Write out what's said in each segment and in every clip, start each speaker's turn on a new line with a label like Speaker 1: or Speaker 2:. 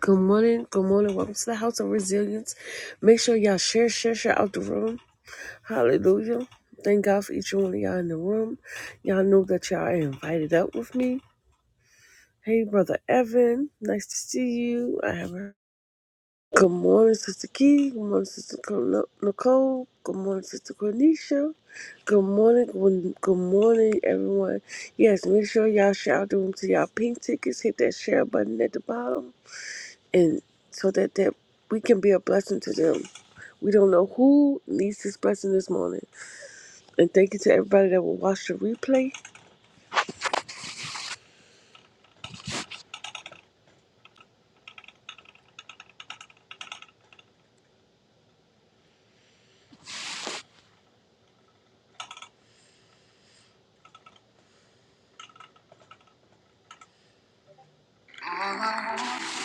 Speaker 1: Good morning, good morning. Welcome to the House of Resilience. Make sure y'all share, share, share out the room. Hallelujah. Thank God for each one of y'all in the room. Y'all know that y'all are invited up with me. Hey, Brother Evan, nice to see you. I have her. Good morning, Sister Key. Good morning, Sister Co- Nicole. Good morning, Sister Cornisha. Good morning, good good morning, everyone. Yes, make sure y'all share out the room to y'all pink tickets. Hit that share button at the bottom and so that, that we can be a blessing to them. We don't know who needs this blessing this morning. And thank you to everybody that will watch the replay. All I want,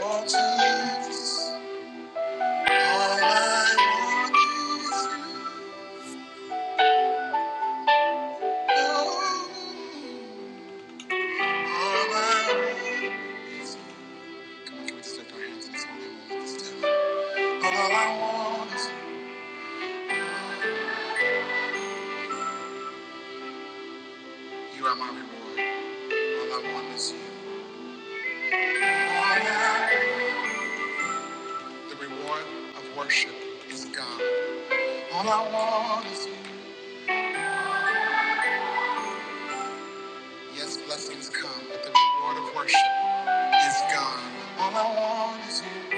Speaker 1: want to live is- all I want is you. All I want- Can we just lift our hands and sing that one last time? All I want is you. You are my reward. All I want is you. All I The reward of worship is God. All I want is you. Yes, blessings come, but the reward of worship is God. All I want is you.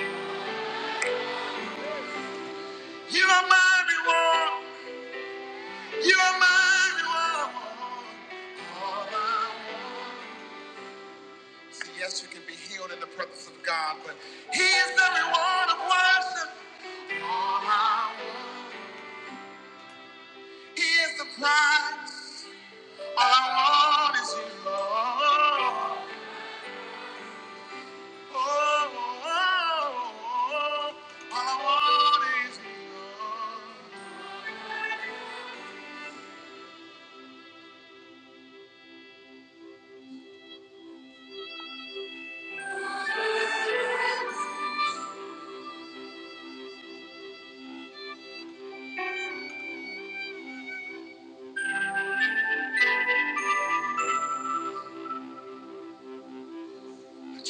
Speaker 1: You are my reward. You are my reward. All I want. So yes, you can be healed in the presence of God, but He is the reward of worship. All I want. He is the prize. All I want is you, Lord. Let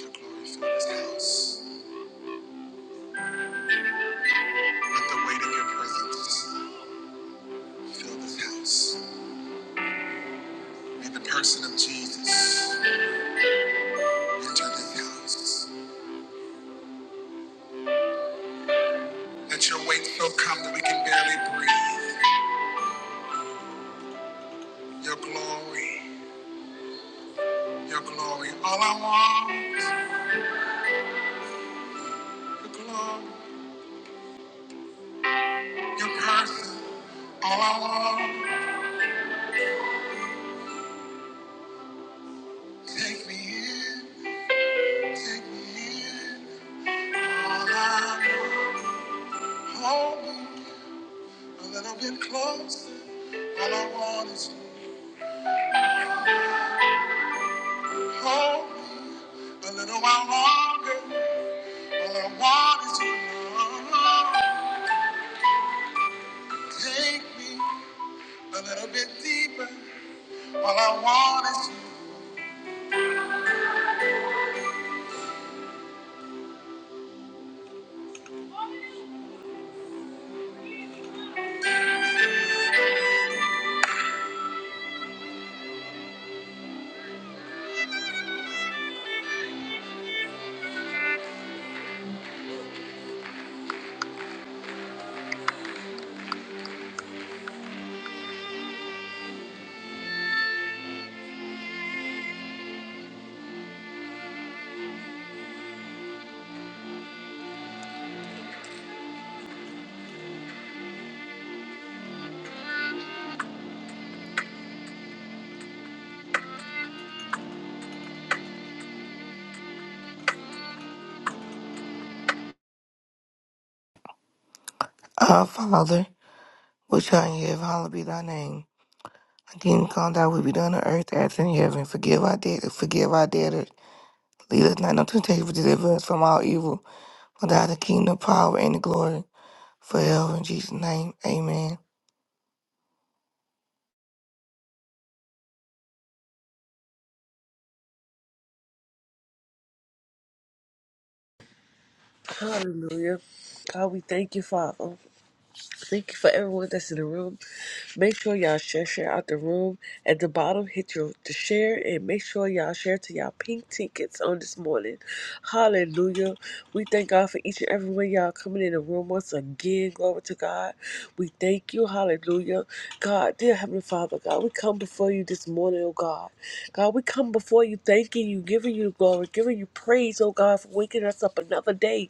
Speaker 1: your glory fill this house. Let the weight of your presence fill this house. May the person of Jesus enter this house. Let your weight so come that we can barely breathe. Your glory, your glory. All I want, your glory, your person. All I want, take me in, take me in. All I hold me a little bit closer. All I want is you. Hold me a little while longer. All I want is you. Take me a little bit deeper. All I want is you.
Speaker 2: Our Father, which art in heaven, hallowed be thy name. Thy kingdom come, thy will be done on earth as in heaven. Forgive our debtors, forgive our debtors. Lead us not into temptation, but deliver us from all evil. For thy the kingdom, power, and the glory forever. In Jesus' name, amen.
Speaker 1: Hallelujah. God, we thank you, Father. Thank you for everyone that's in the room. Make sure y'all share share out the room. At the bottom, hit your the share and make sure y'all share to y'all pink tickets on this morning. Hallelujah. We thank God for each and every one of y'all coming in the room once again. Glory to God. We thank you. Hallelujah. God, dear Heavenly Father, God, we come before you this morning, oh God. God, we come before you thanking you, giving you glory, giving you praise, oh God, for waking us up another day.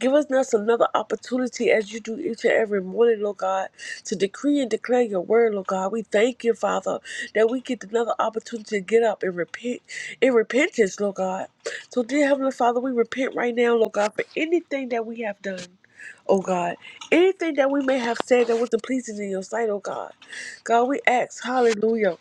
Speaker 1: Give us now another opportunity as you do each and every morning, Lord God, to decree and declare your word, Lord God. We thank you, Father, that we get another opportunity to get up and repent in repentance, Lord God. So, dear Heavenly Father, we repent right now, Lord God, for anything that we have done. Oh God, anything that we may have said that wasn't pleasing in your sight, oh God. God, we ask, hallelujah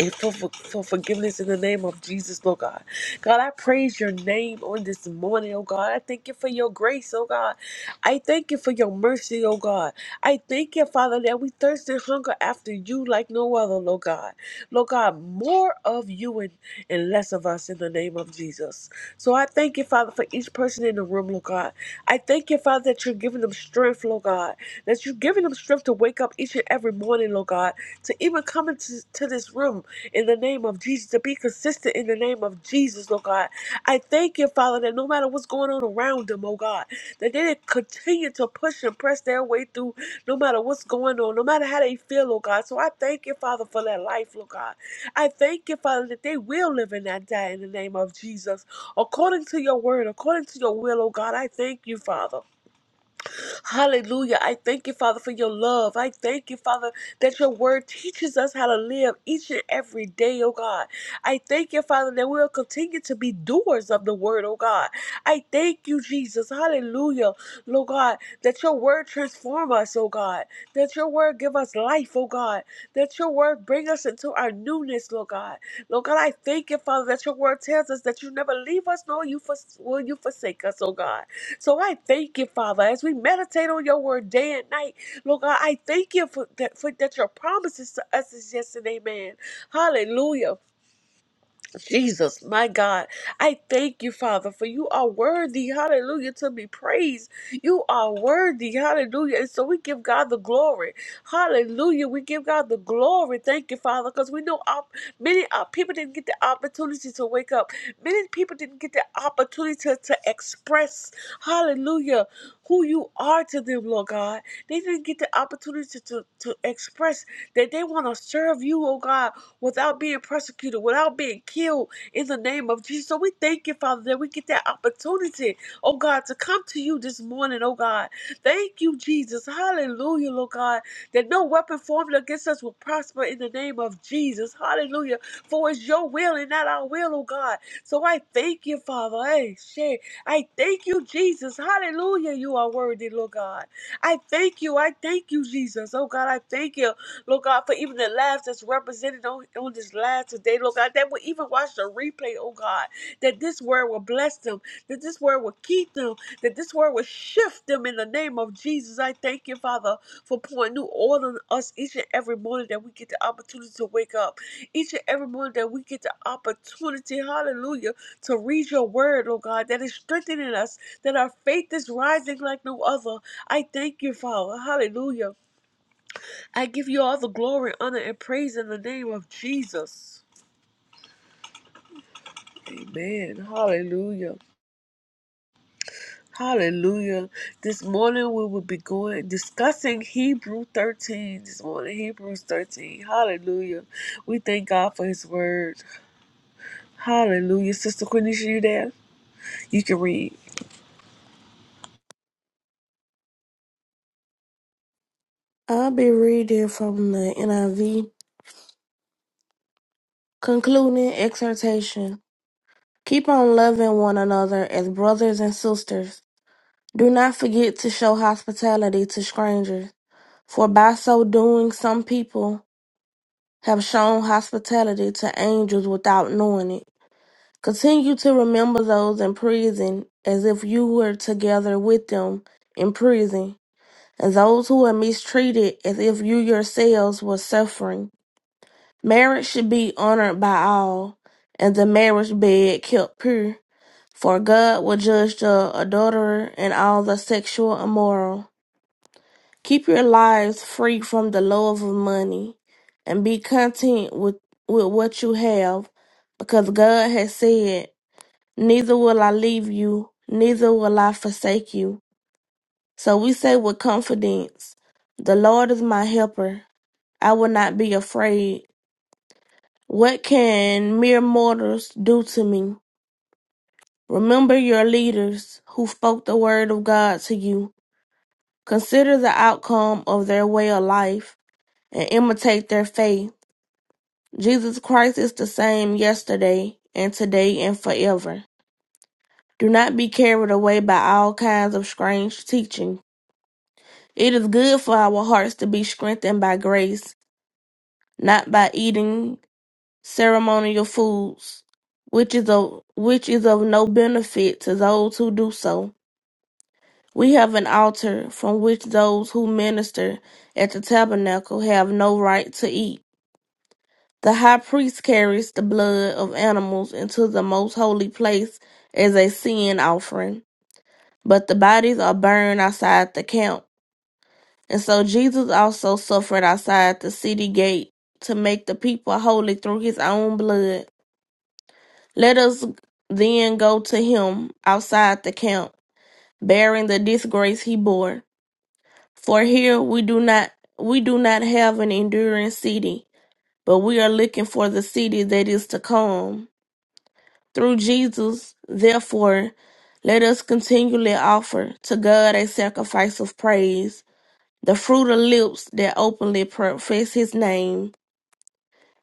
Speaker 1: and for, for, for forgiveness in the name of Jesus, Lord God. God, I praise your name on this morning, oh God. I thank you for your grace, oh God. I thank you for your mercy, oh God. I thank you, Father, that we thirst and hunger after you like no other, Lord God. Lord God, more of you and, and less of us in the name of Jesus. So I thank you, Father, for each person in the room, Lord God. I thank you, Father, that you're giving them strength, Lord God. That you're giving them strength to wake up each and every morning, Lord God, to even come into to this room in the name of Jesus, to be consistent in the name of Jesus, oh God. I thank you, Father, that no matter what's going on around them, oh God, that they did continue to push and press their way through no matter what's going on, no matter how they feel, oh God. So I thank you, Father, for that life, oh God. I thank you, Father, that they will live and not die in the name of Jesus. According to your word, according to your will, oh God, I thank you, Father. Hallelujah. I thank you, Father, for your love. I thank you, Father, that your word teaches us how to live each and every day, oh God. I thank you, Father, that we'll continue to be doers of the word, oh God. I thank you, Jesus. Hallelujah. Lord God, that your word transform us, oh God. That your word give us life, oh God. That your word bring us into our newness, Lord God. Lord God, I thank you, Father, that your word tells us that you never leave us nor you for, will you forsake us, oh God. So I thank you, Father, as we meditate on your word day and night. Lord God, I thank you for that, for that your promises to us is yes and amen. Hallelujah. Jesus, my God, I thank you, Father, for you are worthy, hallelujah, to be praised. You are worthy, hallelujah. And so we give God the glory, hallelujah. We give God the glory. Thank you, Father, because we know our, many our people didn't get the opportunity to wake up, many people didn't get the opportunity to, to express, hallelujah, who you are to them, Lord God. They didn't get the opportunity to, to, express that they want to serve you, oh God without being persecuted, without being killed in the name of Jesus. So we thank you, Father, that we get that opportunity, oh God, to come to you this morning, oh God. Thank you, Jesus. Hallelujah, Lord God, that no weapon formed against us will prosper in the name of Jesus. Hallelujah. For it's your will and not our will, oh God. So I thank you, Father. Hey, shit. I thank you, Jesus. Hallelujah. You are worthy, Lord God. I thank you. I thank you, Jesus. Oh God, I thank you. Lord God, for even the lives that's represented on, on this live today, Lord God, that will even watch the replay, oh God, that this word will bless them, that this word will keep them, that this word will shift them in the name of Jesus. I thank you, Father, for pouring new oil on us each and every morning that we get the opportunity to wake up, each and every morning that we get the opportunity, hallelujah, to read your word, oh God, that is strengthening us, that our faith is rising like no other. I thank you, Father, hallelujah I give you all the glory, honor, and praise in the name of Jesus. Amen. Hallelujah. Hallelujah. This morning we will be going discussing Hebrew 13. This morning, Hebrews 13. Hallelujah. We thank God for his word. Hallelujah. Sister Quenisha, you there? You can read.
Speaker 3: I'll be reading from the NIV. Concluding exhortation. Keep on loving one another as brothers and sisters. Do not forget to show hospitality to strangers, for by so doing, some people have shown hospitality to angels without knowing it. Continue to remember those in prison as if you were together with them in prison, and those who are mistreated as if you yourselves were suffering. Marriage should be honored by all, and the marriage bed kept pure. For God will judge the adulterer and all the sexual immoral. Keep your lives free from the love of money, and be content with, with what you have, because God has said, Neither will I leave you, neither will I forsake you. So we say with confidence, The Lord is my helper. I will not be afraid. What can mere mortals do to me? Remember your leaders who spoke the word of God to you. Consider the outcome of their way of life and imitate their faith. Jesus Christ is the same yesterday and today and forever. Do not be carried away by all kinds of strange teaching. It is good for our hearts to be strengthened by grace, not by eating ceremonial foods, which is of which is of no benefit to those who do so. We have an altar from which those who minister at the tabernacle have no right to eat. The high priest carries the blood of animals into the most holy place as a sin offering, but the bodies are burned outside the camp. And so Jesus also suffered outside the city gate to make the people holy through his own blood. Let us then go to him outside the camp, bearing the disgrace he bore. For here we do not we do not have an enduring city, but we are looking for the city that is to come. Through Jesus, therefore, let us continually offer to God a sacrifice of praise, the fruit of lips that openly profess his name,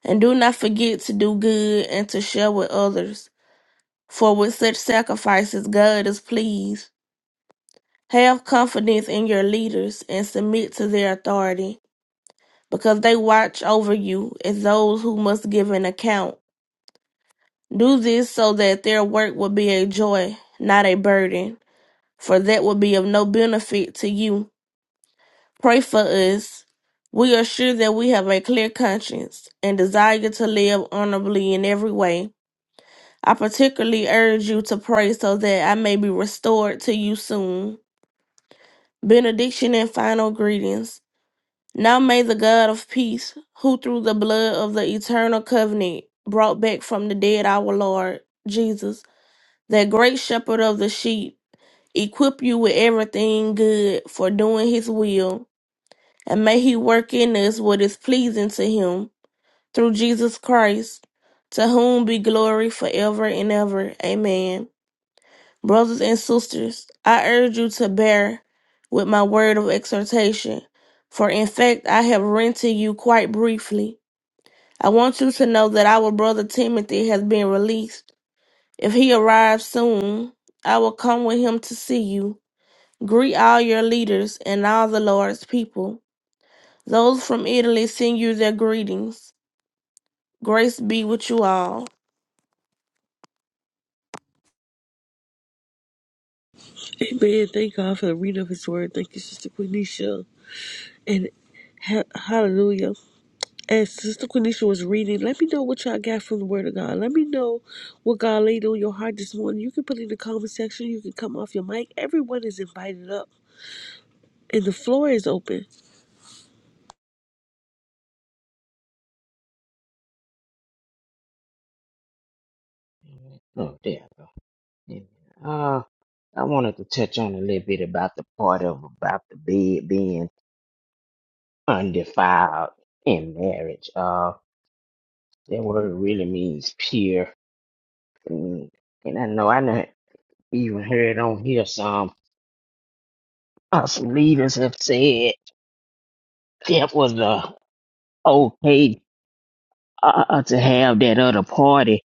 Speaker 3: and do not forget to do good and to share with others For with such sacrifices God is pleased. Have confidence in your leaders and submit to their authority, because they watch over you as those who must give an account. Do this so that their work will be a joy, not a burden, for that would be of no benefit to you. Pray for us. We are sure that we have a clear conscience and desire to live honorably in every way. I particularly urge you to pray so that I may be restored to you soon. benediction and final greetings. Now may the God of peace, who through the blood of the eternal covenant brought back from the dead our Lord Jesus, that great shepherd of the sheep, equip you with everything good for doing his will, and may he work in us what is pleasing to him through Jesus Christ, to whom be glory forever and ever. Amen. Brothers and sisters, I urge you to bear with my word of exhortation, for in fact I have written to you quite briefly. I want you to know that our brother Timothy has been released. If he arrives soon, I will come with him to see you. Greet all your leaders and all the Lord's people. Those from Italy send you their greetings. Grace be with you all.
Speaker 1: Amen. Thank God for the reading of his word. Thank you, Sister Quenisha. And ha- hallelujah. as Sister Quenisha was reading, let me know what y'all got from the Word of God. Let me know what God laid on your heart this morning. You can put it in the comment section. You can come off your mic. Everyone is invited up, and the floor is open.
Speaker 4: Oh, there I go. Yeah. Uh, I wanted to touch on a little bit about the part of about the bed being undefiled in marriage. Uh, that word really means pure, and, and I know I not even heard on here some uh, some leaders have said that was uh, okay uh, uh, to have that other party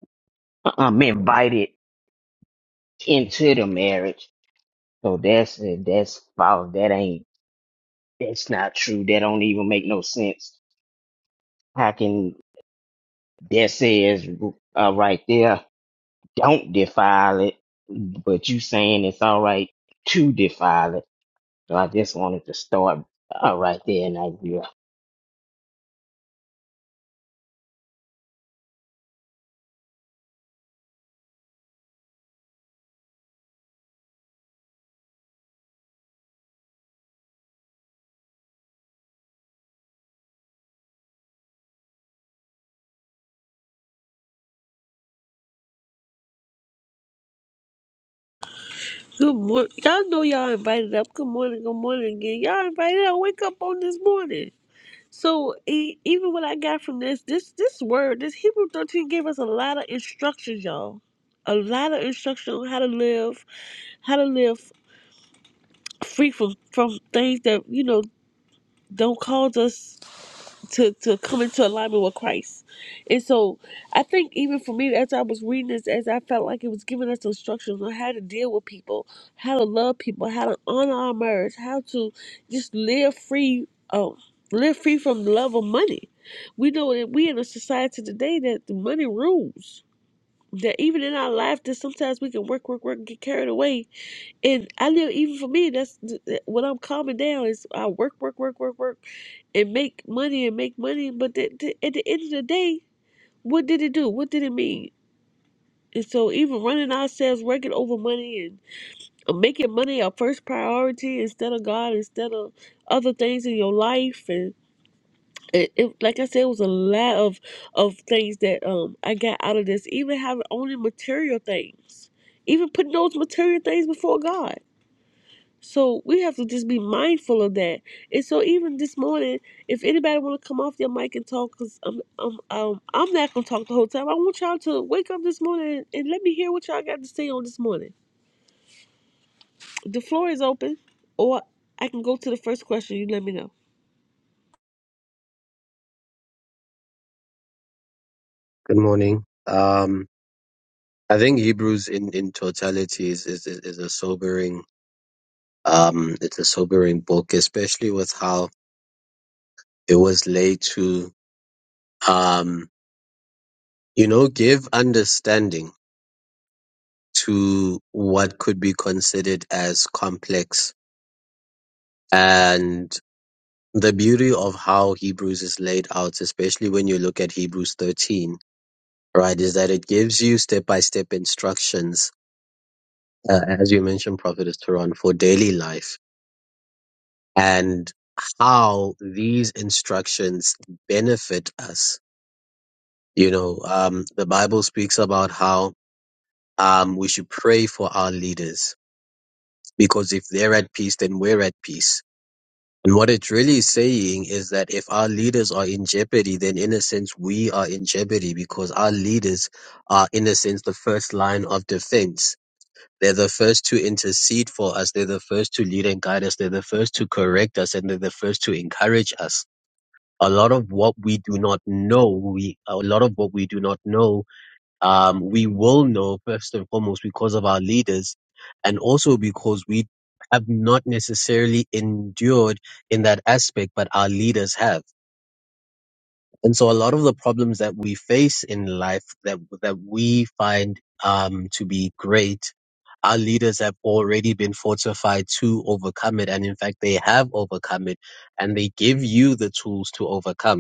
Speaker 4: um invited into the marriage. So that's that's false. That ain't. That's not true. That don't even make no sense. How can that says uh, right there, don't defile it, but you saying it's all right to defile it. So I just wanted to start uh, right there in idea.
Speaker 1: Good morning. Y'all know y'all invited up. Good morning. Good morning again. Y'all invited up. Wake up on this morning. So e- even what I got from this, this this word, this Hebrew thirteen gave us a lot of instructions, y'all. A lot of instruction on how to live, how to live free from from things that you know don't cause us to to come into alignment with Christ. And so I think even for me as I was reading this, as I felt like it was giving us instructions on how to deal with people, how to love people, how to honor our marriage, how to just live free um live free from the love of money. We know that we in a society today that the money rules. That even in our life that sometimes we can work, work, work and get carried away and I know even for me, that's when I'm calming down is I work, work, work, work, work, and make money and make money. But the, the, at the end of the day, what did it do? What did it mean? And so even running ourselves, working over money and uh, making money our first priority instead of God, instead of other things in your life, and it, it, like I said, it was a lot of of things that um I got out of this. Even having only material things, even putting those material things before God So we have to just be mindful of that. And so even this morning, if anybody want to come off their mic and talk, cause I'm I'm um, I'm not gonna talk the whole time. I want y'all to wake up this morning and let me hear what y'all got to say on this morning. The floor is open, or I can go to the first question. You let me know.
Speaker 5: Good morning. Um, I think Hebrews in, in totality is, is, is a sobering, um, it's a sobering book, especially with how it was laid to, um, you know, give understanding to what could be considered as complex and the beauty of how Hebrews is laid out, especially when you look at Hebrews 13, right, is that it gives you step by step instructions, uh, as you mentioned, Prophet Turan, for daily life and how these instructions benefit us. You know, um, the Bible speaks about how um, we should pray for our leaders because if they're at peace, then we're at peace. And what it's really saying is that if our leaders are in jeopardy, then in a sense, we are in jeopardy because our leaders are, in a sense, the first line of defense. They're the first to intercede for us. They're the first to lead and guide us. They're the first to correct us and they're the first to encourage us. a lot of what we do not know, we a lot of what we do not know, um, we will know first and foremost because of our leaders, and also because we have not necessarily endured in that aspect, but our leaders have. And so, a lot of the problems that we face in life that that we find um, to be great, our leaders have already been fortified to overcome it, and in fact, they have overcome it, and they give you the tools to overcome.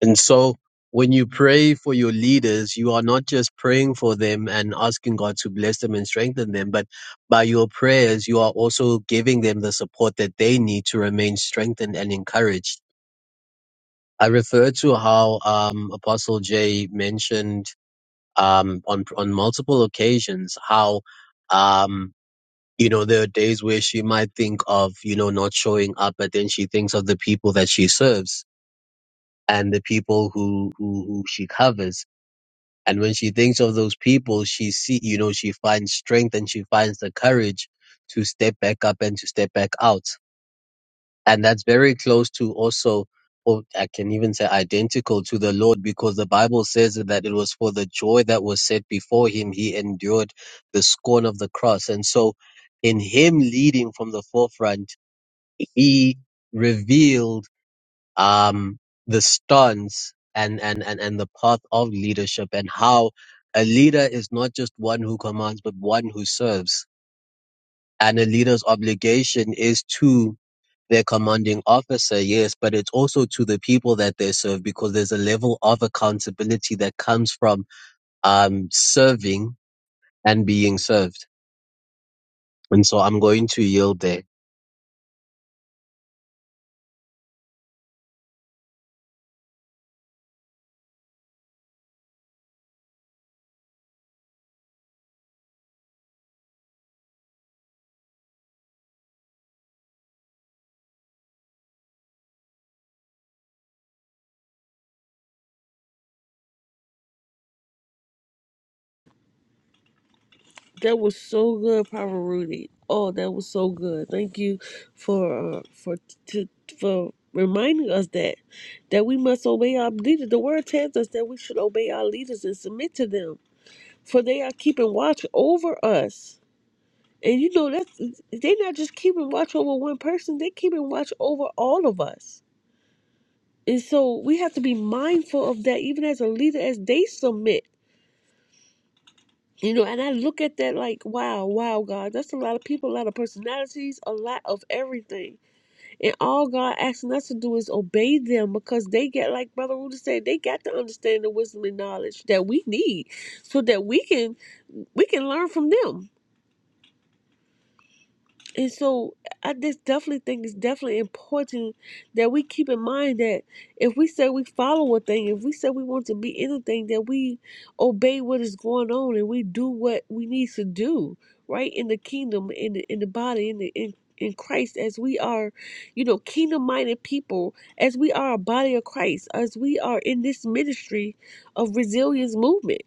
Speaker 5: And so when you pray for your leaders, you are not just praying for them and asking God to bless them and strengthen them, but by your prayers, you are also giving them the support that they need to remain strengthened and encouraged. I refer to how um, Apostle J mentioned um, on on multiple occasions how um, you know there are days where she might think of you know not showing up, but then she thinks of the people that she serves and the people who who, who she covers And when she thinks of those people, she see, you know, she finds strength and she finds the courage to step back up and to step back out. And that's very close to also, or I can even say identical to the Lord because the Bible says that it was for the joy that was set before him. He endured the scorn of the cross. And so in him leading from the forefront, he revealed um, the stance and, and, and, and the path of leadership and how a leader is not just one who commands, but one who serves. And a leader's obligation is to their commanding officer, yes, but it's also to the people that they serve because there's a level of accountability that comes from um, serving and being served. And so I'm going to yield there.
Speaker 1: That was so good, Papa Rudy. Oh, that was so good. Thank you for uh, for to for reminding us that that we must obey our leaders. The word tells us that we should obey our leaders and submit to them. for they are keeping watch over us. And you know that's they are not just keeping watch over one person, they keeping watch over all of us. And so we have to be mindful of that even as a leader as they submit. You know, and I look at that like, wow, wow, God, that's a lot of people, a lot of personalities, a lot of everything. And all God asking us to do is obey them because they get, like Brother Rudy said, they got to understand the wisdom and knowledge that we need so that we can we can learn from them And so I just definitely think it's definitely important that we keep in mind that if we say we follow a thing, if we say we want to be anything, that we obey what is going on and we do what we need to do, right? In the kingdom, in the in the body, in the in in Christ, as we are, you know, kingdom minded people, as we are a body of Christ, as we are in this ministry of resilience movement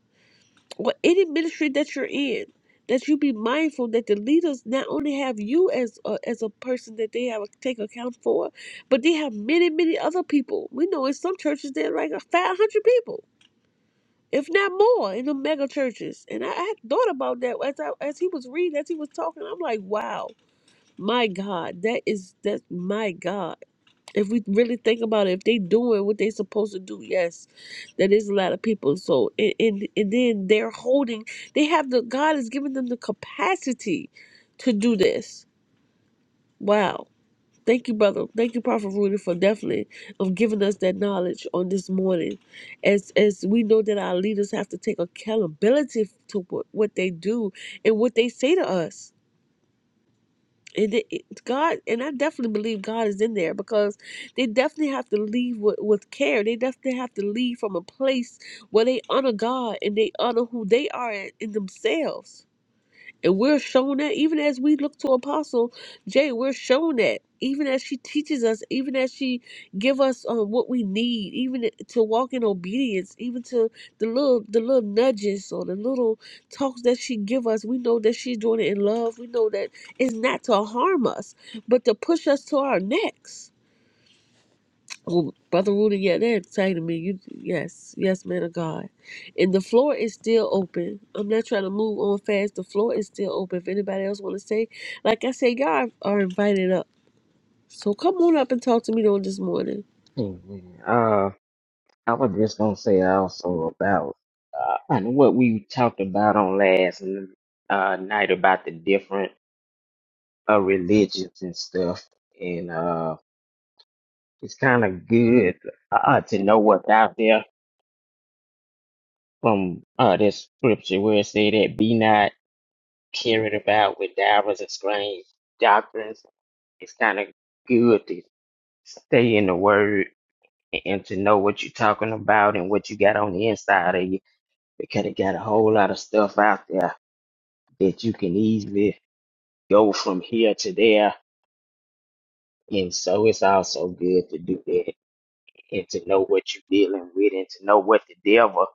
Speaker 1: or any ministry that you're in, that you be mindful that the leaders not only have you as a, as a person that they have to take account for, but they have many, many other people. We know in some churches there are like 500 people, if not more, in the mega churches. And I, I had thought about that as I, as he was reading, as he was talking. I'm like, wow, my God, that is that's my God. If we really think about it, if they doing what they supposed to do, yes, that is a lot of people. So and, and and then they're holding. They have the God has given them the capacity to do this. Wow. Thank you, brother. Thank you, Prophet Rudy, for definitely of giving us that knowledge on this morning. As as we know that our leaders have to take accountability to what, what they do and what they say to us and it, it- God and I definitely believe God is in there because they definitely have to leave with, with care. They definitely have to leave from a place where they honor God and they honor who they are in, in themselves and we're shown that even as we look to Apostle Jay, we're shown that even as she teaches us, even as she give us uh, what we need, even to walk in obedience, even to the little the little nudges or the little talks that she give us, we know that she's doing it in love. We know that it's not to harm us, but to push us to our next. Oh, Brother Rudy, yeah, they're saying to me. You, yes, yes, man of God. And the floor is still open. I'm not trying to move on fast. The floor is still open. If anybody else want to say, like I said, y'all are invited up. So come on up and talk to me on this morning.
Speaker 4: Uh, I was just gonna say also about uh, and what we talked about on last uh, night about the different uh, religions and stuff, and uh, it's kind of good uh, to know what's out there from uh this scripture where it say that be not carried about with divers and strange doctrines. It's kind of good to stay in the word and, to know what you're talking about and what you got on the inside of you because it got a whole lot of stuff out there that you can easily go from here to there. And so it's also good to do that and to know what you're dealing with and to know what the devil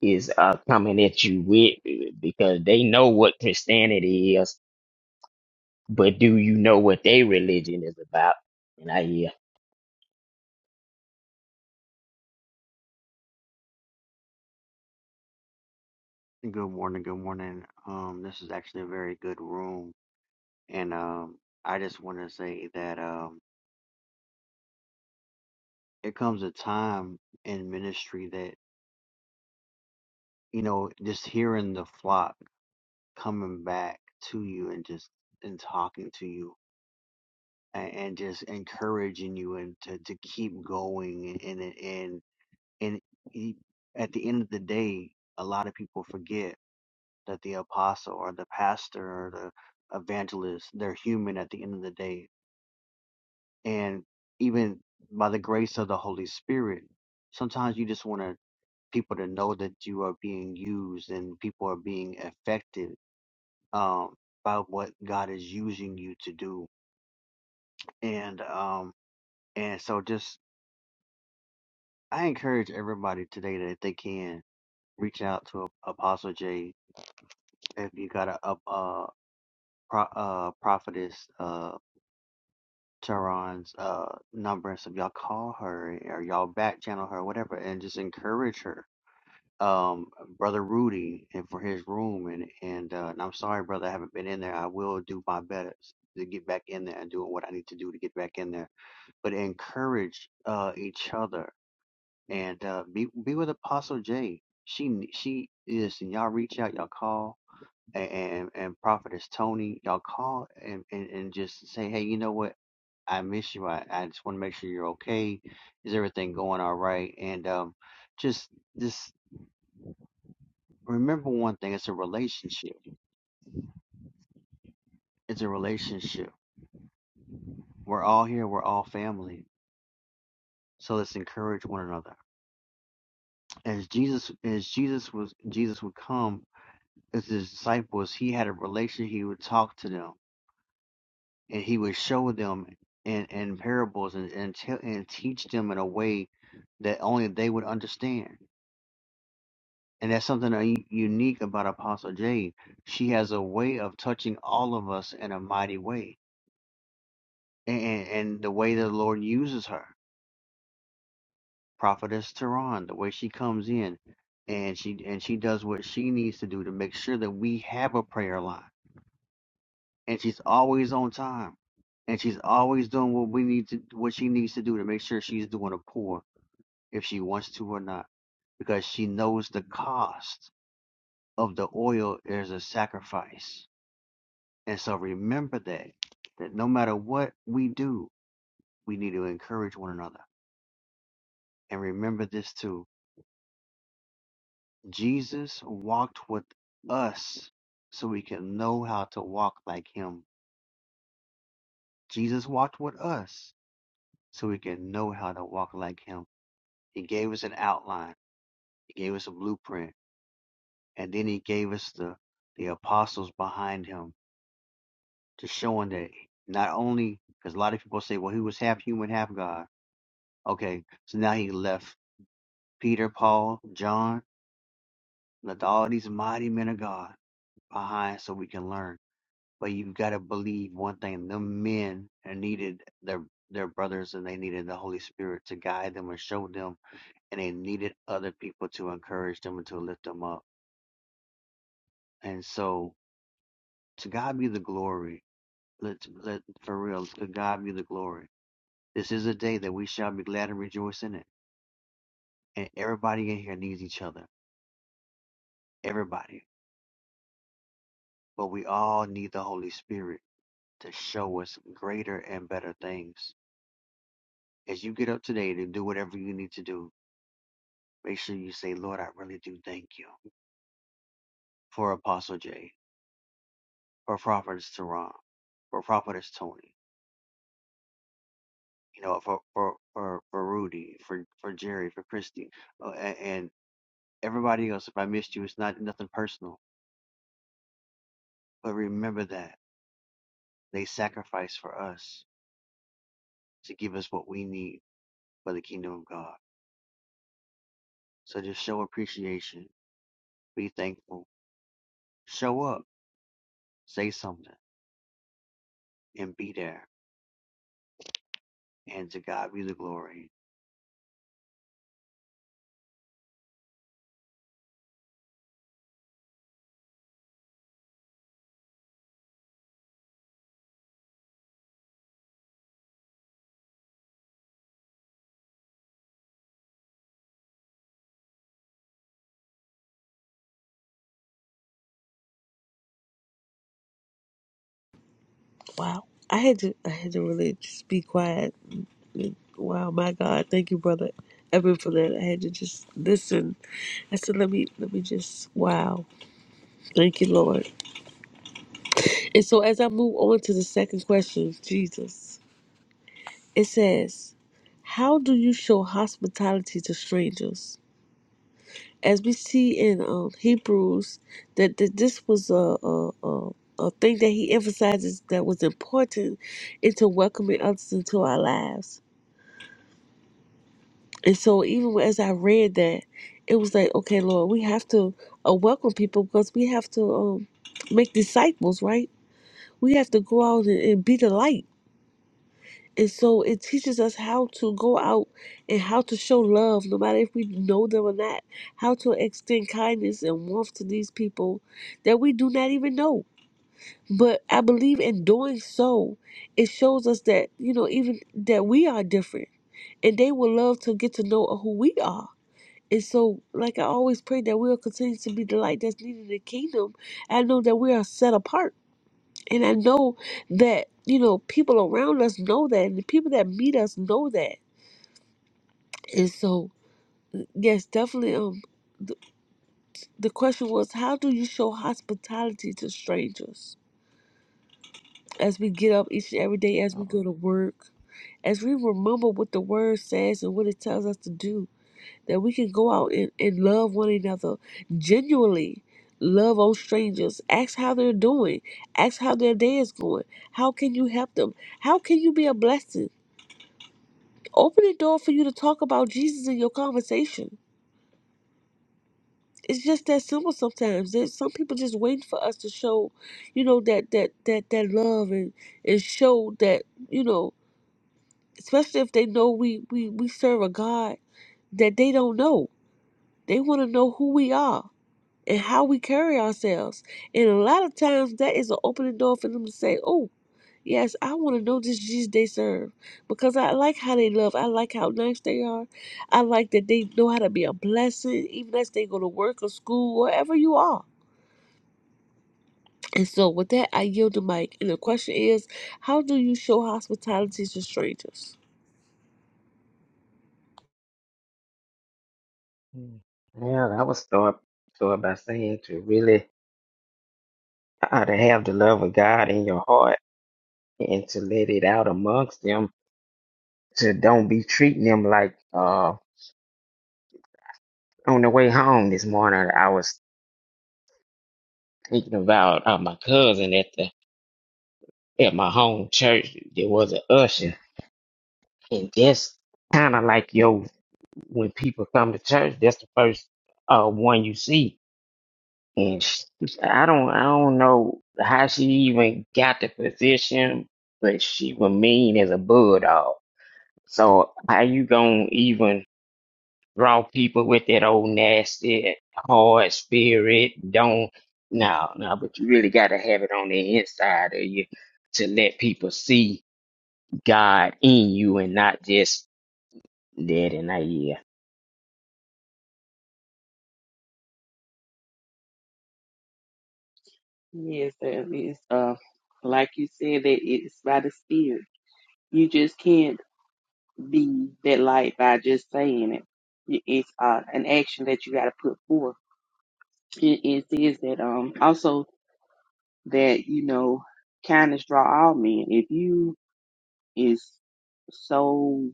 Speaker 4: is uh, coming at you with because they know what Christianity is But do you know what their religion is about? And I hear.
Speaker 6: Good morning, good morning. Um, this is actually a very good room, and um, I just want to say that um, it comes a time in ministry that you know, just hearing the flock coming back to you and just and talking to you and, and just encouraging you and to, to keep going and and and and e- at the end of the day, a lot of people forget that the apostle or the pastor or the evangelist, they're human at the end of the day and even by the grace of the Holy Spirit, sometimes you just want to, people to know that you are being used and people are being affected um, by what God is using you to do. And um, and so just I encourage everybody today that if they can reach out to Apostle J. If you got a, a, a, pro, uh prophetess, uh, Tehran's uh, number, so y'all call her or y'all back channel her, whatever, and just encourage her um brother Rudy and for his room and and, uh, and I'm sorry brother I haven't been in there I will do my best to get back in there and doing what I need to do to get back in there but encourage uh each other and uh be be with Apostle J. she n- she is and y'all reach out y'all call and and, and prophetess Tony y'all call and, and and just say hey you know what I miss you I, I just want to make sure you're okay is everything going all right and um just this remember one thing it's a relationship it's a relationship we're all here we're all family so let's encourage one another as jesus as jesus was jesus would come as his disciples he had a relation he would talk to them and he would show them in, in parables and and, tell and teach them in a way that only they would understand and that's something that u- unique about apostle jade she has a way of touching all of us in a mighty way and, and the way the lord uses her Prophetess Tehran, the way she comes in and she and she does what she needs to do to make sure that we have a prayer line. And she's always on time. And she's always doing what we need to what she needs to do to make sure she's doing a pour if she wants to or not. Because she knows the cost of the oil is a sacrifice. And so remember that that no matter what we do, we need to encourage one another. And remember this too. Jesus walked with us so we can know how to walk like him. Jesus walked with us so we can know how to walk like him. He gave us an outline, he gave us a blueprint, and then he gave us the, the apostles behind him to show Him that not only, because a lot of people say, well, he was half human, half God. Okay, so now he left Peter, Paul, John, left all these mighty men of God behind so we can learn. But you've got to believe one thing: them men needed their their brothers, and they needed the Holy Spirit to guide them and show them, and they needed other people to encourage them and to lift them up. And so, to God be the glory. Let's let for real. To God be the glory. This is a day that we shall be glad and rejoice in it. And everybody in here needs each other. Everybody. But we all need the Holy Spirit to show us greater and better things. As you get up today to do whatever you need to do, Make sure you say, Lord, I really do thank you for Apostle Jay, for Prophetess Teron, for Prophetess Tony, you know, for for for, for Rudy, for for Jerry, for Christy, uh, and, and everybody else. If I missed you, it's not nothing personal, but remember that they sacrificed for us to give us what we need for the kingdom of God. So just show appreciation, be thankful, show up, say something, and be there. And to God be the glory.
Speaker 1: Wow, I had to, I had to really just be quiet. Wow, my God, thank you, brother Evan, for that. I had to just listen. I said, let me, let me just. Wow, thank you, Lord. And so as I move on to the second question, Jesus. It says, How do you show hospitality to strangers? As we see in um, Hebrews, that, that this was a, a, a, a thing that he emphasizes that was important into welcoming others into our lives. And so, even as I read that, it was like, okay, Lord, we have to uh, welcome people because we have to um, make disciples, right? We have to go out and, and be the light And so it teaches us how to go out and how to show love, no matter if we know them or not, how to extend kindness and warmth to these people that we do not even know. But I believe in doing so, it shows us that, you know, even that we are different and they will love to get to know who we are. And so, like I always pray that we'll continue to be the light that's needed in the kingdom. I know that we are set apart and I know that, you know, people around us know that, and the people that meet us know that. And so, yes, definitely. Um, the, the question was, how do you show hospitality to strangers? As we get up each and every day, as we
Speaker 4: oh,
Speaker 1: go to work, as we remember what the word says and what it tells us to do, that we can go out and, and love one another genuinely. Love on strangers. Ask how they're doing. Ask how their day is going. How can you help them? How can you be a blessing? Open the door for you to talk about Jesus in your conversation. It's just that simple sometimes. There's some people just waiting for us to show, you know, that that that that love and and show that, you know, especially if they know we we we serve a God that they don't know. They want to know who we are and how we carry ourselves. And a lot of times that is an opening door for them to say, "Oh." Yes, I want to know this Jesus they serve because I like how they love. I like how nice they are. I like that they know how to be a blessing, even as they go to work or school, wherever you are. And so, with that, I yield the mic. And the question is, how do you show hospitality to strangers?
Speaker 4: hmm. Well, I would start start by saying to really uh, to have the love of God in your heart and to let it out amongst them. To don't be treating them like uh on the way home this morning. I was thinking about uh, my cousin at the at my home church. There was an usher, and that's kind of like yo when people come to church. That's the first uh one you see and sh I don't I don't know how she even got the position, but she was mean as a bulldog. So how you gonna even draw people with that old nasty hard spirit? Don't no no, but you really gotta have it on the inside of you to let people see God in you and not just that and I Yeah,
Speaker 7: Yes, there is. Uh, like you said, that it's by the spirit. You just can't be that light by just saying it. It- It's uh, an action that you got to put forth. It, it says that um also that you know kindness draw all men. If you is so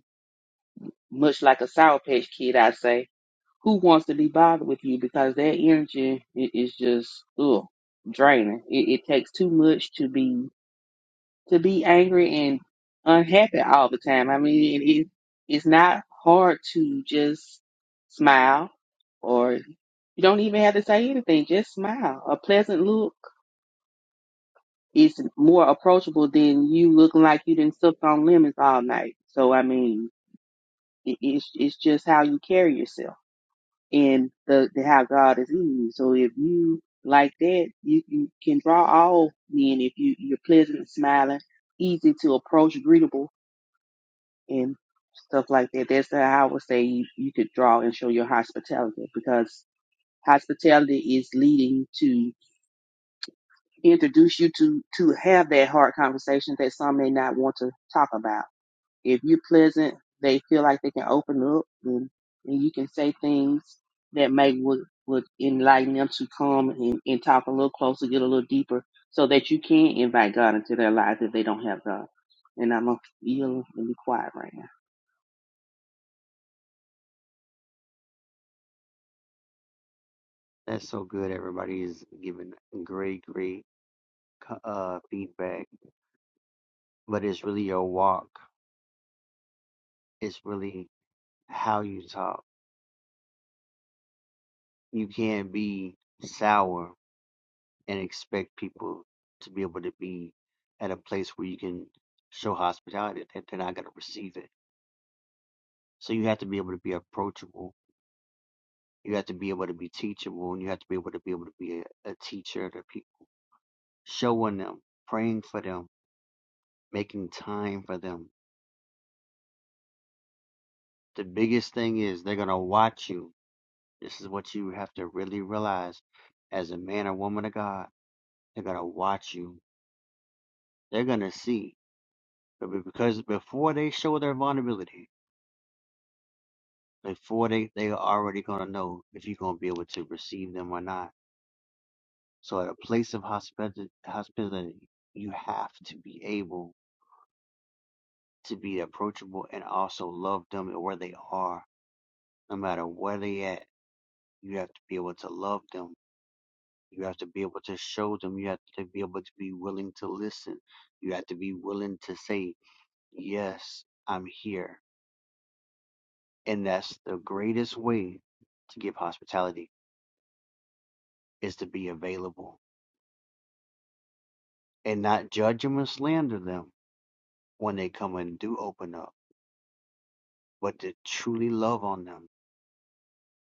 Speaker 7: much like a sour patch kid, I say, who wants to be bothered with you because that energy i- is just ugh draining. It, it takes too much to be to be angry and unhappy all the time. I mean, it, it, it's not hard to just smile, or you don't even have to say anything. Just smile. A pleasant look is more approachable than you looking like you didn't suck on lemons all night. So I mean, it, it's it's just how you carry yourself and the, the how God is in you. So if you like that, you, you can draw all men if you you're pleasant, smiling, easy to approach, greetable and stuff like that. That's how I would say you, you could draw and show your hospitality because hospitality is leading to introduce you to to have that hard conversation that some may not want to talk about. If you're pleasant, they feel like they can open up and, and you can say things that may would would enlighten them to come and, and talk a little closer, get a little deeper, so that you can invite God into their lives if they don't have God. And I'm gonna yield and be quiet right now.
Speaker 6: That's so good. Everybody is giving great, great co- uh, feedback, but it's really your walk. It's really how you talk. You can't be sour and expect people to be able to be at a place where you can show hospitality that they're not going to receive it. So you have to be able to be approachable. You have to be able to be teachable, and you have to be able to be able to be a, a teacher to people, showing them, praying for them, making time for them the biggest thing is they're going to watch you. This is what you have to really realize as a man or woman of God. They're going to watch you. They're going to see. But be- Because before they show their vulnerability, before they, they are already going to know if you're going to be able to receive them or not. So at a place of hospita- hospitality, you have to be able to be approachable and also love them where they are, no matter where they at. You have to be able to love them You have to be able to show them. You have to be able to be willing to listen. You have to be willing to say, Yes, I'm here. And that's the greatest way to give hospitality is to be available and not judge them and slander them when they come and do open up, but to truly love on them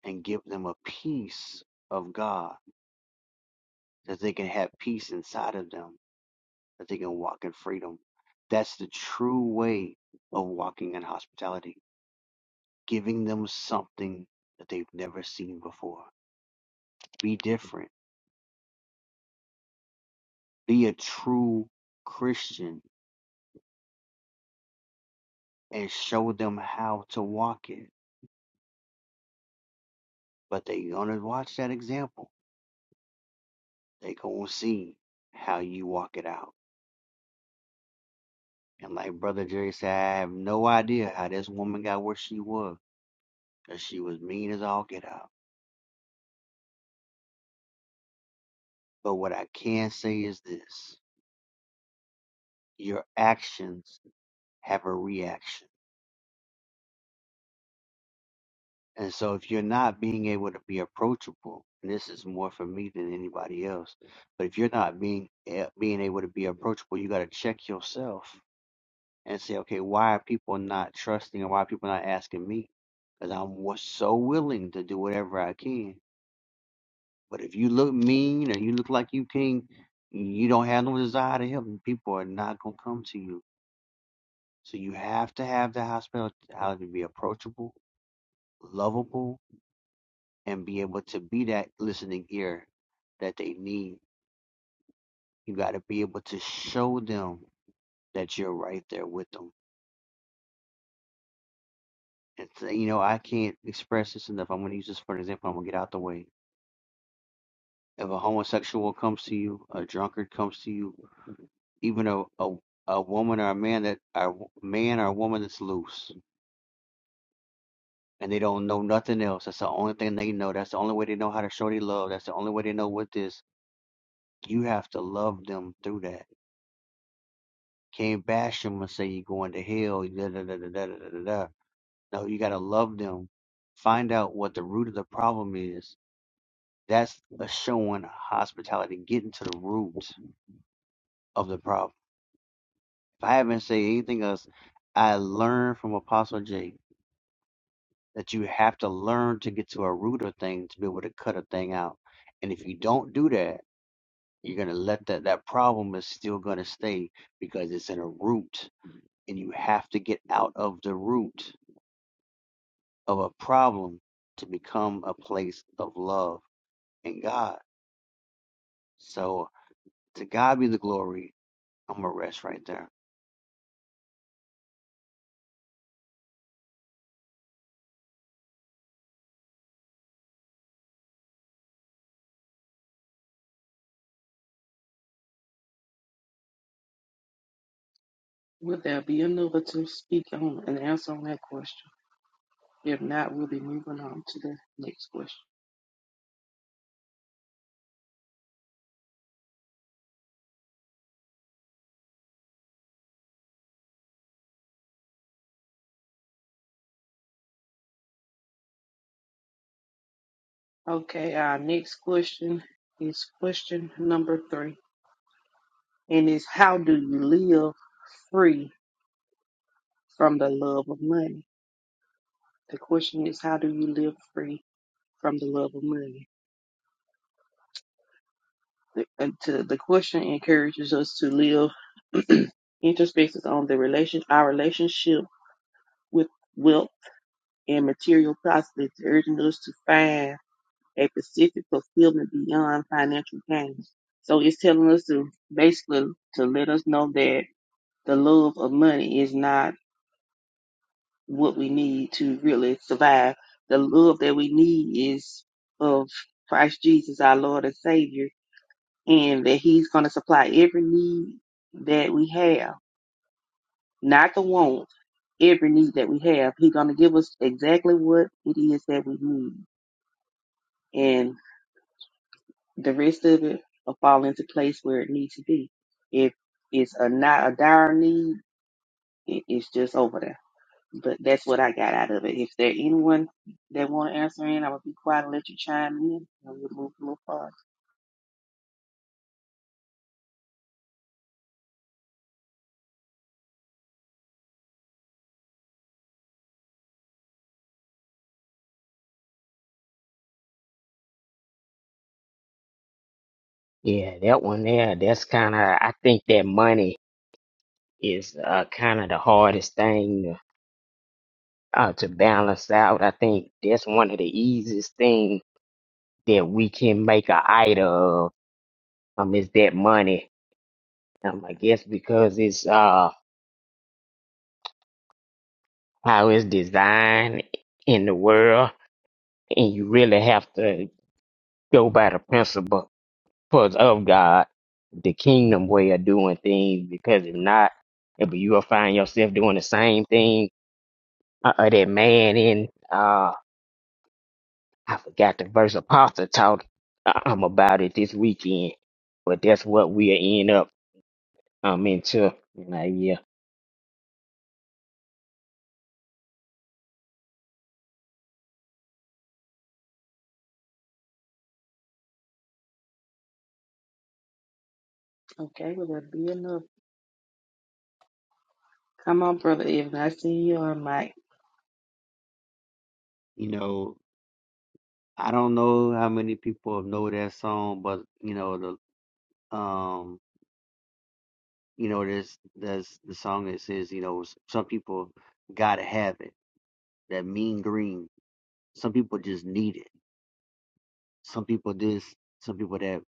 Speaker 6: and give them a peace of God that they can have peace inside of them, that they can walk in freedom. That's the true way of walking in hospitality giving them something that they've never seen before. Be different. Be a true Christian and show them how to walk it. But they gonna watch that example. They gonna see how you walk it out. And like Brother Jerry said, I have no idea how this woman got where she was, 'cause she was mean as all get out. But what I can say is this your actions have a reaction. And so if you're not being able to be approachable, and this is more for me than anybody else, but if you're not being eh, being able to be approachable, you got to check yourself and say, okay, why are people not trusting and why are people not asking me? Because I'm wa- so willing to do whatever I can. But if you look mean or you look like you can, you don't have no desire to help, and people are not going to come to you. So you have to have the hospitality to be approachable, lovable, and be able to be that listening ear that they need. You got to be able to show them that you're right there with them. And say, you know, I can't express this enough. I'm going to use this for an example. I'm going to get out the way. If a homosexual comes to you, a drunkard comes to you, even a, a, a woman or a man that a man or a woman that's loose and they don't know nothing else. That's the only thing they know. That's the only way they know how to show they love. That's the only way they know what this. You have to love them through that Can't bash them and say you're going to hell. Da, da, da, da, da, da, da, da. No, you got to love them. Find out what the root of the problem is. That's a showing hospitality, getting to the root of the problem. If I haven't said anything else, I learned from Apostle J that you have to learn to get to a root of thing to be able to cut a thing out. And if you don't do that, you're going to let that, that problem is still going to stay because it's in a root and you have to get out of the root. of a problem to become a place of love and God. So to God be the glory. I'm gonna rest right there.
Speaker 7: Will there be another to speak on and answer on that question? If not, we'll be moving on to the next question. Okay, our next question is question number three, and is how do you live free from the love of money? The question is how do you live free from the love of money? The, and to, the question encourages us to live introspections on the relation, our relationship with wealth and material prospects, urging us to find a specific fulfillment beyond financial gain. So it's telling us to basically to let us know that the love of money is not what we need to really survive. The love that we need is of Christ Jesus, our Lord and Savior, and that He's going to supply every need that we have, not the want, every need that we have. He's going to give us exactly what it is that we need. And the rest of it will fall into place where it needs to be. If it's a not a dire need, it, it's just over there. But that's what I got out of it. If there anyone that want to answer in, I will be quiet and let you chime in, and we'll move a little forward.
Speaker 4: yeah, that one there. That's kind of I think that money is uh, kind of the hardest thing to uh, to balance out. I think that's one of the easiest things that we can make an idol of um, is that money. Um, I guess because it's uh, how it's designed in the world, and you really have to go by the principle principles of God, the kingdom way of doing things. Because if not, if you will find yourself doing the same thing uh, uh, that man in. uh. I forgot the verse apostle taught um about it this weekend. But that's what we end up um into. And I, yeah,
Speaker 7: Okay, well that be enough. Come on, brother Evan. I see you on mic.
Speaker 6: You know, I don't know how many people know that song, but you know the um, you know there's there's the song that says you know some people gotta have it. That mean green. Some people just need it. Some people this. Some people that.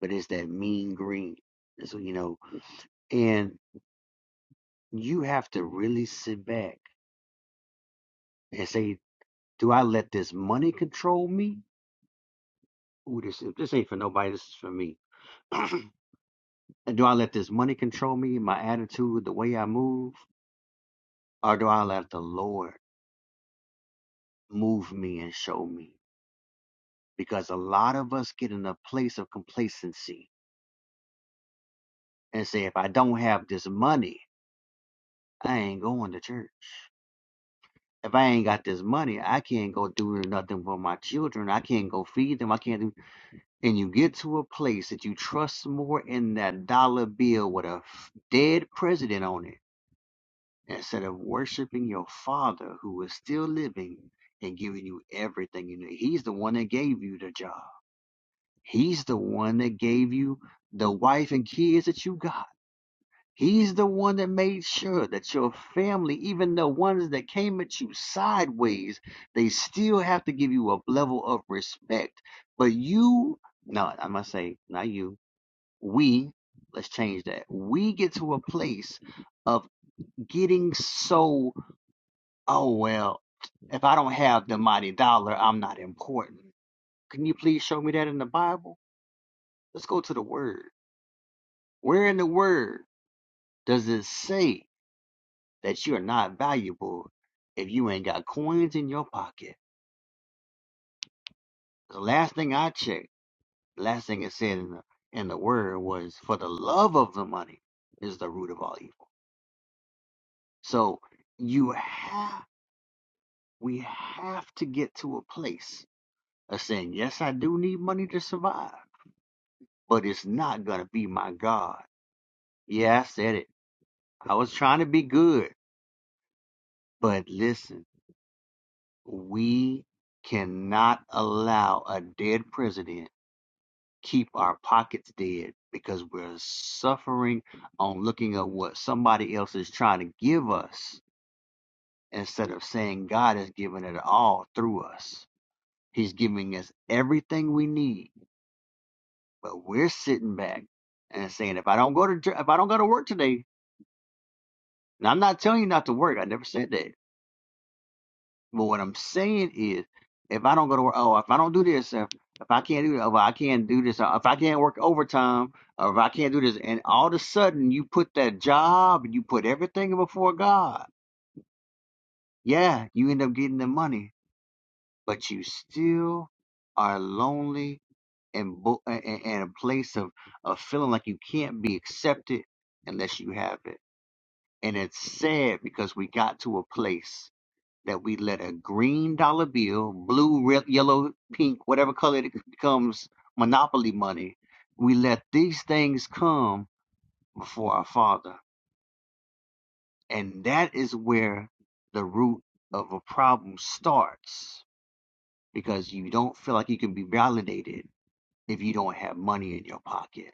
Speaker 6: But it's that mean green. So you know, and you have to really sit back and say Do I let this money control me? Ooh, this this ain't for nobody. This is for me. And do I let this money control me, my attitude, the way I move, or do I let the Lord move me and show me? Because a lot of us get in a place of complacency and say, if I don't have this money, I ain't going to church. If I ain't got this money, I can't go do nothing for my children. I can't go feed them. I can't do. and you get to a place that you trust more in that dollar bill with a f- dead president on it instead of worshiping your father who is still living and giving you everything you need. He's the one that gave you the job. He's the one that gave you the wife and kids that you got. He's the one that made sure that your family, even the ones that came at you sideways, they still have to give you a level of respect. But you, no, I must say, not you we let's change that we get to a place of getting so oh well if i don't have the mighty dollar i'm not important can you please show me that in the bible let's go to the word where in the word does it say that you're not valuable if you ain't got coins in your pocket the last thing i checked the last thing it said in the in the word was for the love of the money is the root of all evil so you have we have to get to a place of saying, yes, I do need money to survive, but it's not going to be my God. Yeah, I said it. I was trying to be good. But listen, we cannot allow a dead president keep our pockets dead because we're suffering on looking at what somebody else is trying to give us instead of saying God has given it all through us. He's giving us everything we need But we're sitting back and saying, if I don't go to if I don't go to work today, and I'm not telling you not to work, I never said that. But what I'm saying is, if I don't go to work, oh, if I don't do this, if, if I can't do, if I can't do this, uh, if I can't work overtime, or if I can't do this, and all of a sudden you put that job and you put everything before God, yeah, you end up getting the money, but you still are lonely and bo- and, and a place of of feeling like you can't be accepted unless you have it. And it's sad because we got to a place that we let a green dollar bill, blue, red, yellow, pink, whatever color it becomes, monopoly money, we let these things come before our Father. And that is where the root of a problem starts because you don't feel like you can be validated if you don't have money in your pocket.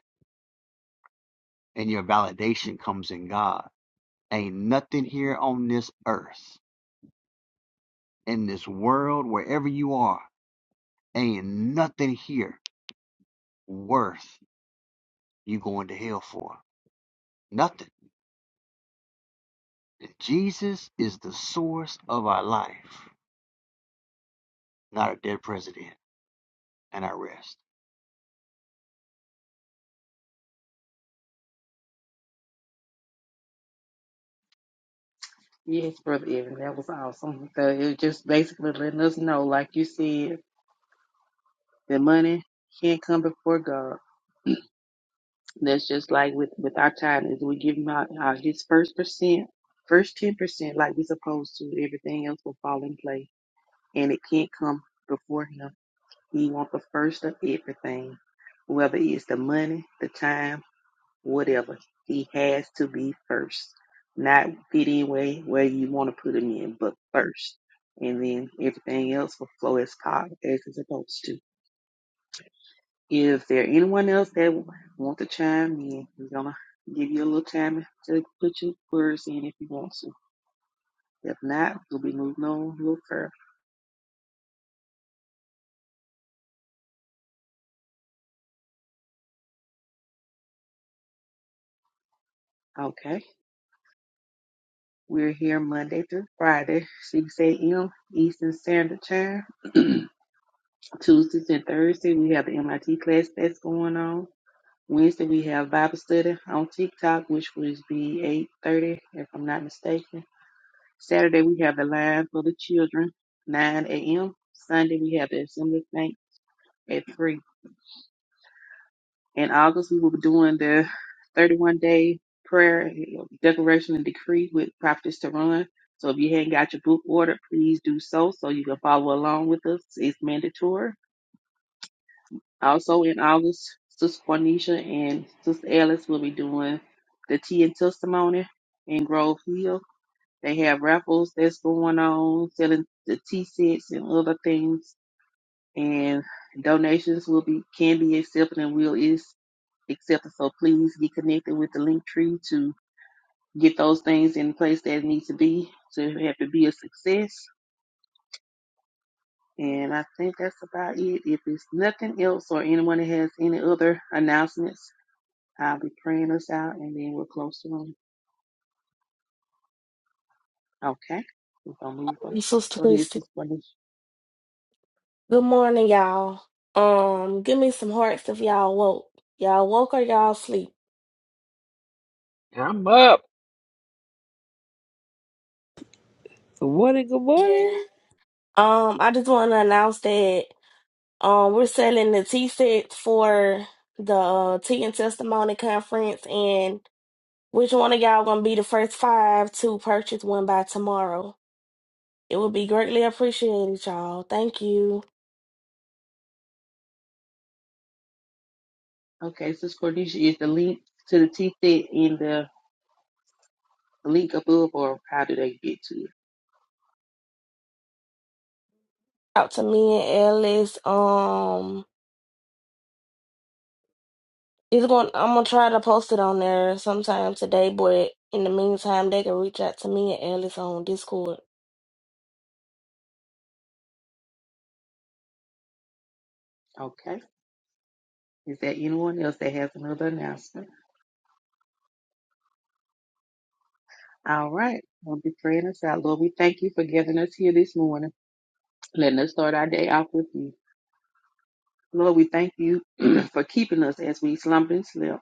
Speaker 6: And your validation comes in God. Ain't nothing here on this earth, in this world, wherever you are Ain't nothing here worth you going to hell for. Nothing. Jesus is the source of our life, not a dead president. And I rest.
Speaker 7: Yes, brother Evan, that was awesome. So it was just basically letting us know, like you said, that money can't come before God That's just like with with our tithe is we give him our out uh, his first percent, first ten percent, like we supposed to. Everything else will fall in place, and it can't come before him. He wants the first of everything, whether it's the money, the time, whatever. He has to be first, not fit in way where you want to put him in, but first, and then everything else will flow as po- as it's supposed to. If there anyone else that w- want to chime in, we're gonna give you a little time to put your words in if you want to. If not, we'll be moving on a little further. Okay. We're here Monday through Friday, 6 a.m. Eastern Standard Time. Tuesdays and Thursday, we have the MIT class that's going on. Wednesday, we have Bible study on TikTok, which will be 8.30, if I'm not mistaken. Saturday, we have the line for the children, 9 a.m. Sunday, we have the assembly at three. In August, we will be doing the 31 day prayer you know, declaration and decree with Prophetess to Run. So if you hadn't got your book ordered, please do so so you can follow along with us. It's mandatory. Also in August, Sister Cornisha and Sister Alice will be doing the tea and testimony in Grove Hill. They have raffles that's going on, selling the tea sets and other things. And donations will be can be accepted and will is accepted. So please get connected with the link tree to get those things in place that need to be to have to be a success. And I think that's about it. If it's nothing else or anyone that has any other announcements, I'll be praying us out and then we'll close the room. Okay. We're gonna move on. Go
Speaker 3: Sister
Speaker 7: ahead, Sis Cornisha.
Speaker 3: Good morning, y'all. Um, give me some hearts if y'all woke. Y'all woke or y'all sleep?
Speaker 4: I'm up.
Speaker 1: Good morning. Good
Speaker 3: Yeah.
Speaker 1: morning.
Speaker 3: Um, I just want to announce that um we're selling the tea set for the uh, Tea and Testimony Conference, and which one of y'all gonna be the first five to purchase one by tomorrow? It would be greatly appreciated, y'all. Thank you.
Speaker 7: Okay, Sis Cornisha, is the link to the T set in the link above or how do they get to it?
Speaker 3: Out to me and Ellis. Um. It's going. I'm gonna try to post it on there sometime today, but in the meantime, they can reach out to me and Alice on Discord.
Speaker 7: Okay. Is there anyone else that has another announcement? All right. We'll be praying us out. Lord, we thank you for giving us here this morning, letting us start our day off with you. Lord, we thank you for keeping us as we slumber and slept.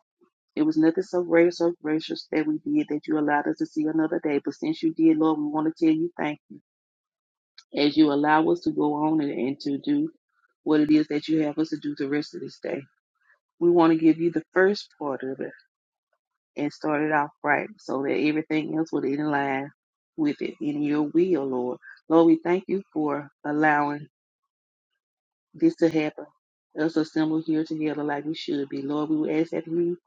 Speaker 7: It was nothing so great or so gracious that we did that you allowed us to see another day. But since you did, Lord, we want to tell you thank you as you allow us to go on and, and to do what it is that you have us to do the rest of this day. We want to give you the first part of it. and start it off right so that everything else will in line with it in your will, Lord. Lord, we thank you for allowing this to happen. Us assemble here together like we should be. Lord, we will ask that you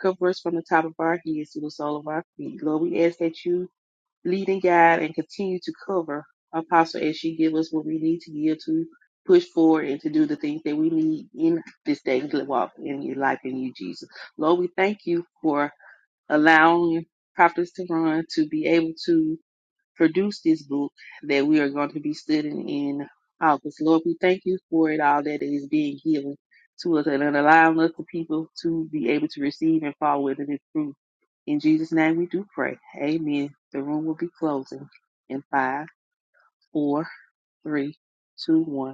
Speaker 7: cover us from the top of our heads to the sole of our feet. Lord, we ask that you lead and guide and continue to cover Apostle as she give us what we need to give to push forward and to do the things that we need in this day and walk in your life in you, Jesus. Lord, we thank you for allowing Prophets to Run to be able to produce this book that we are going to be studying in August. Lord, we thank you for it all that is being given to us and allowing us, the people, to be able to receive and follow it in its truth. In Jesus' name we do pray. Amen. The room will be closing in five, four, three, two, one.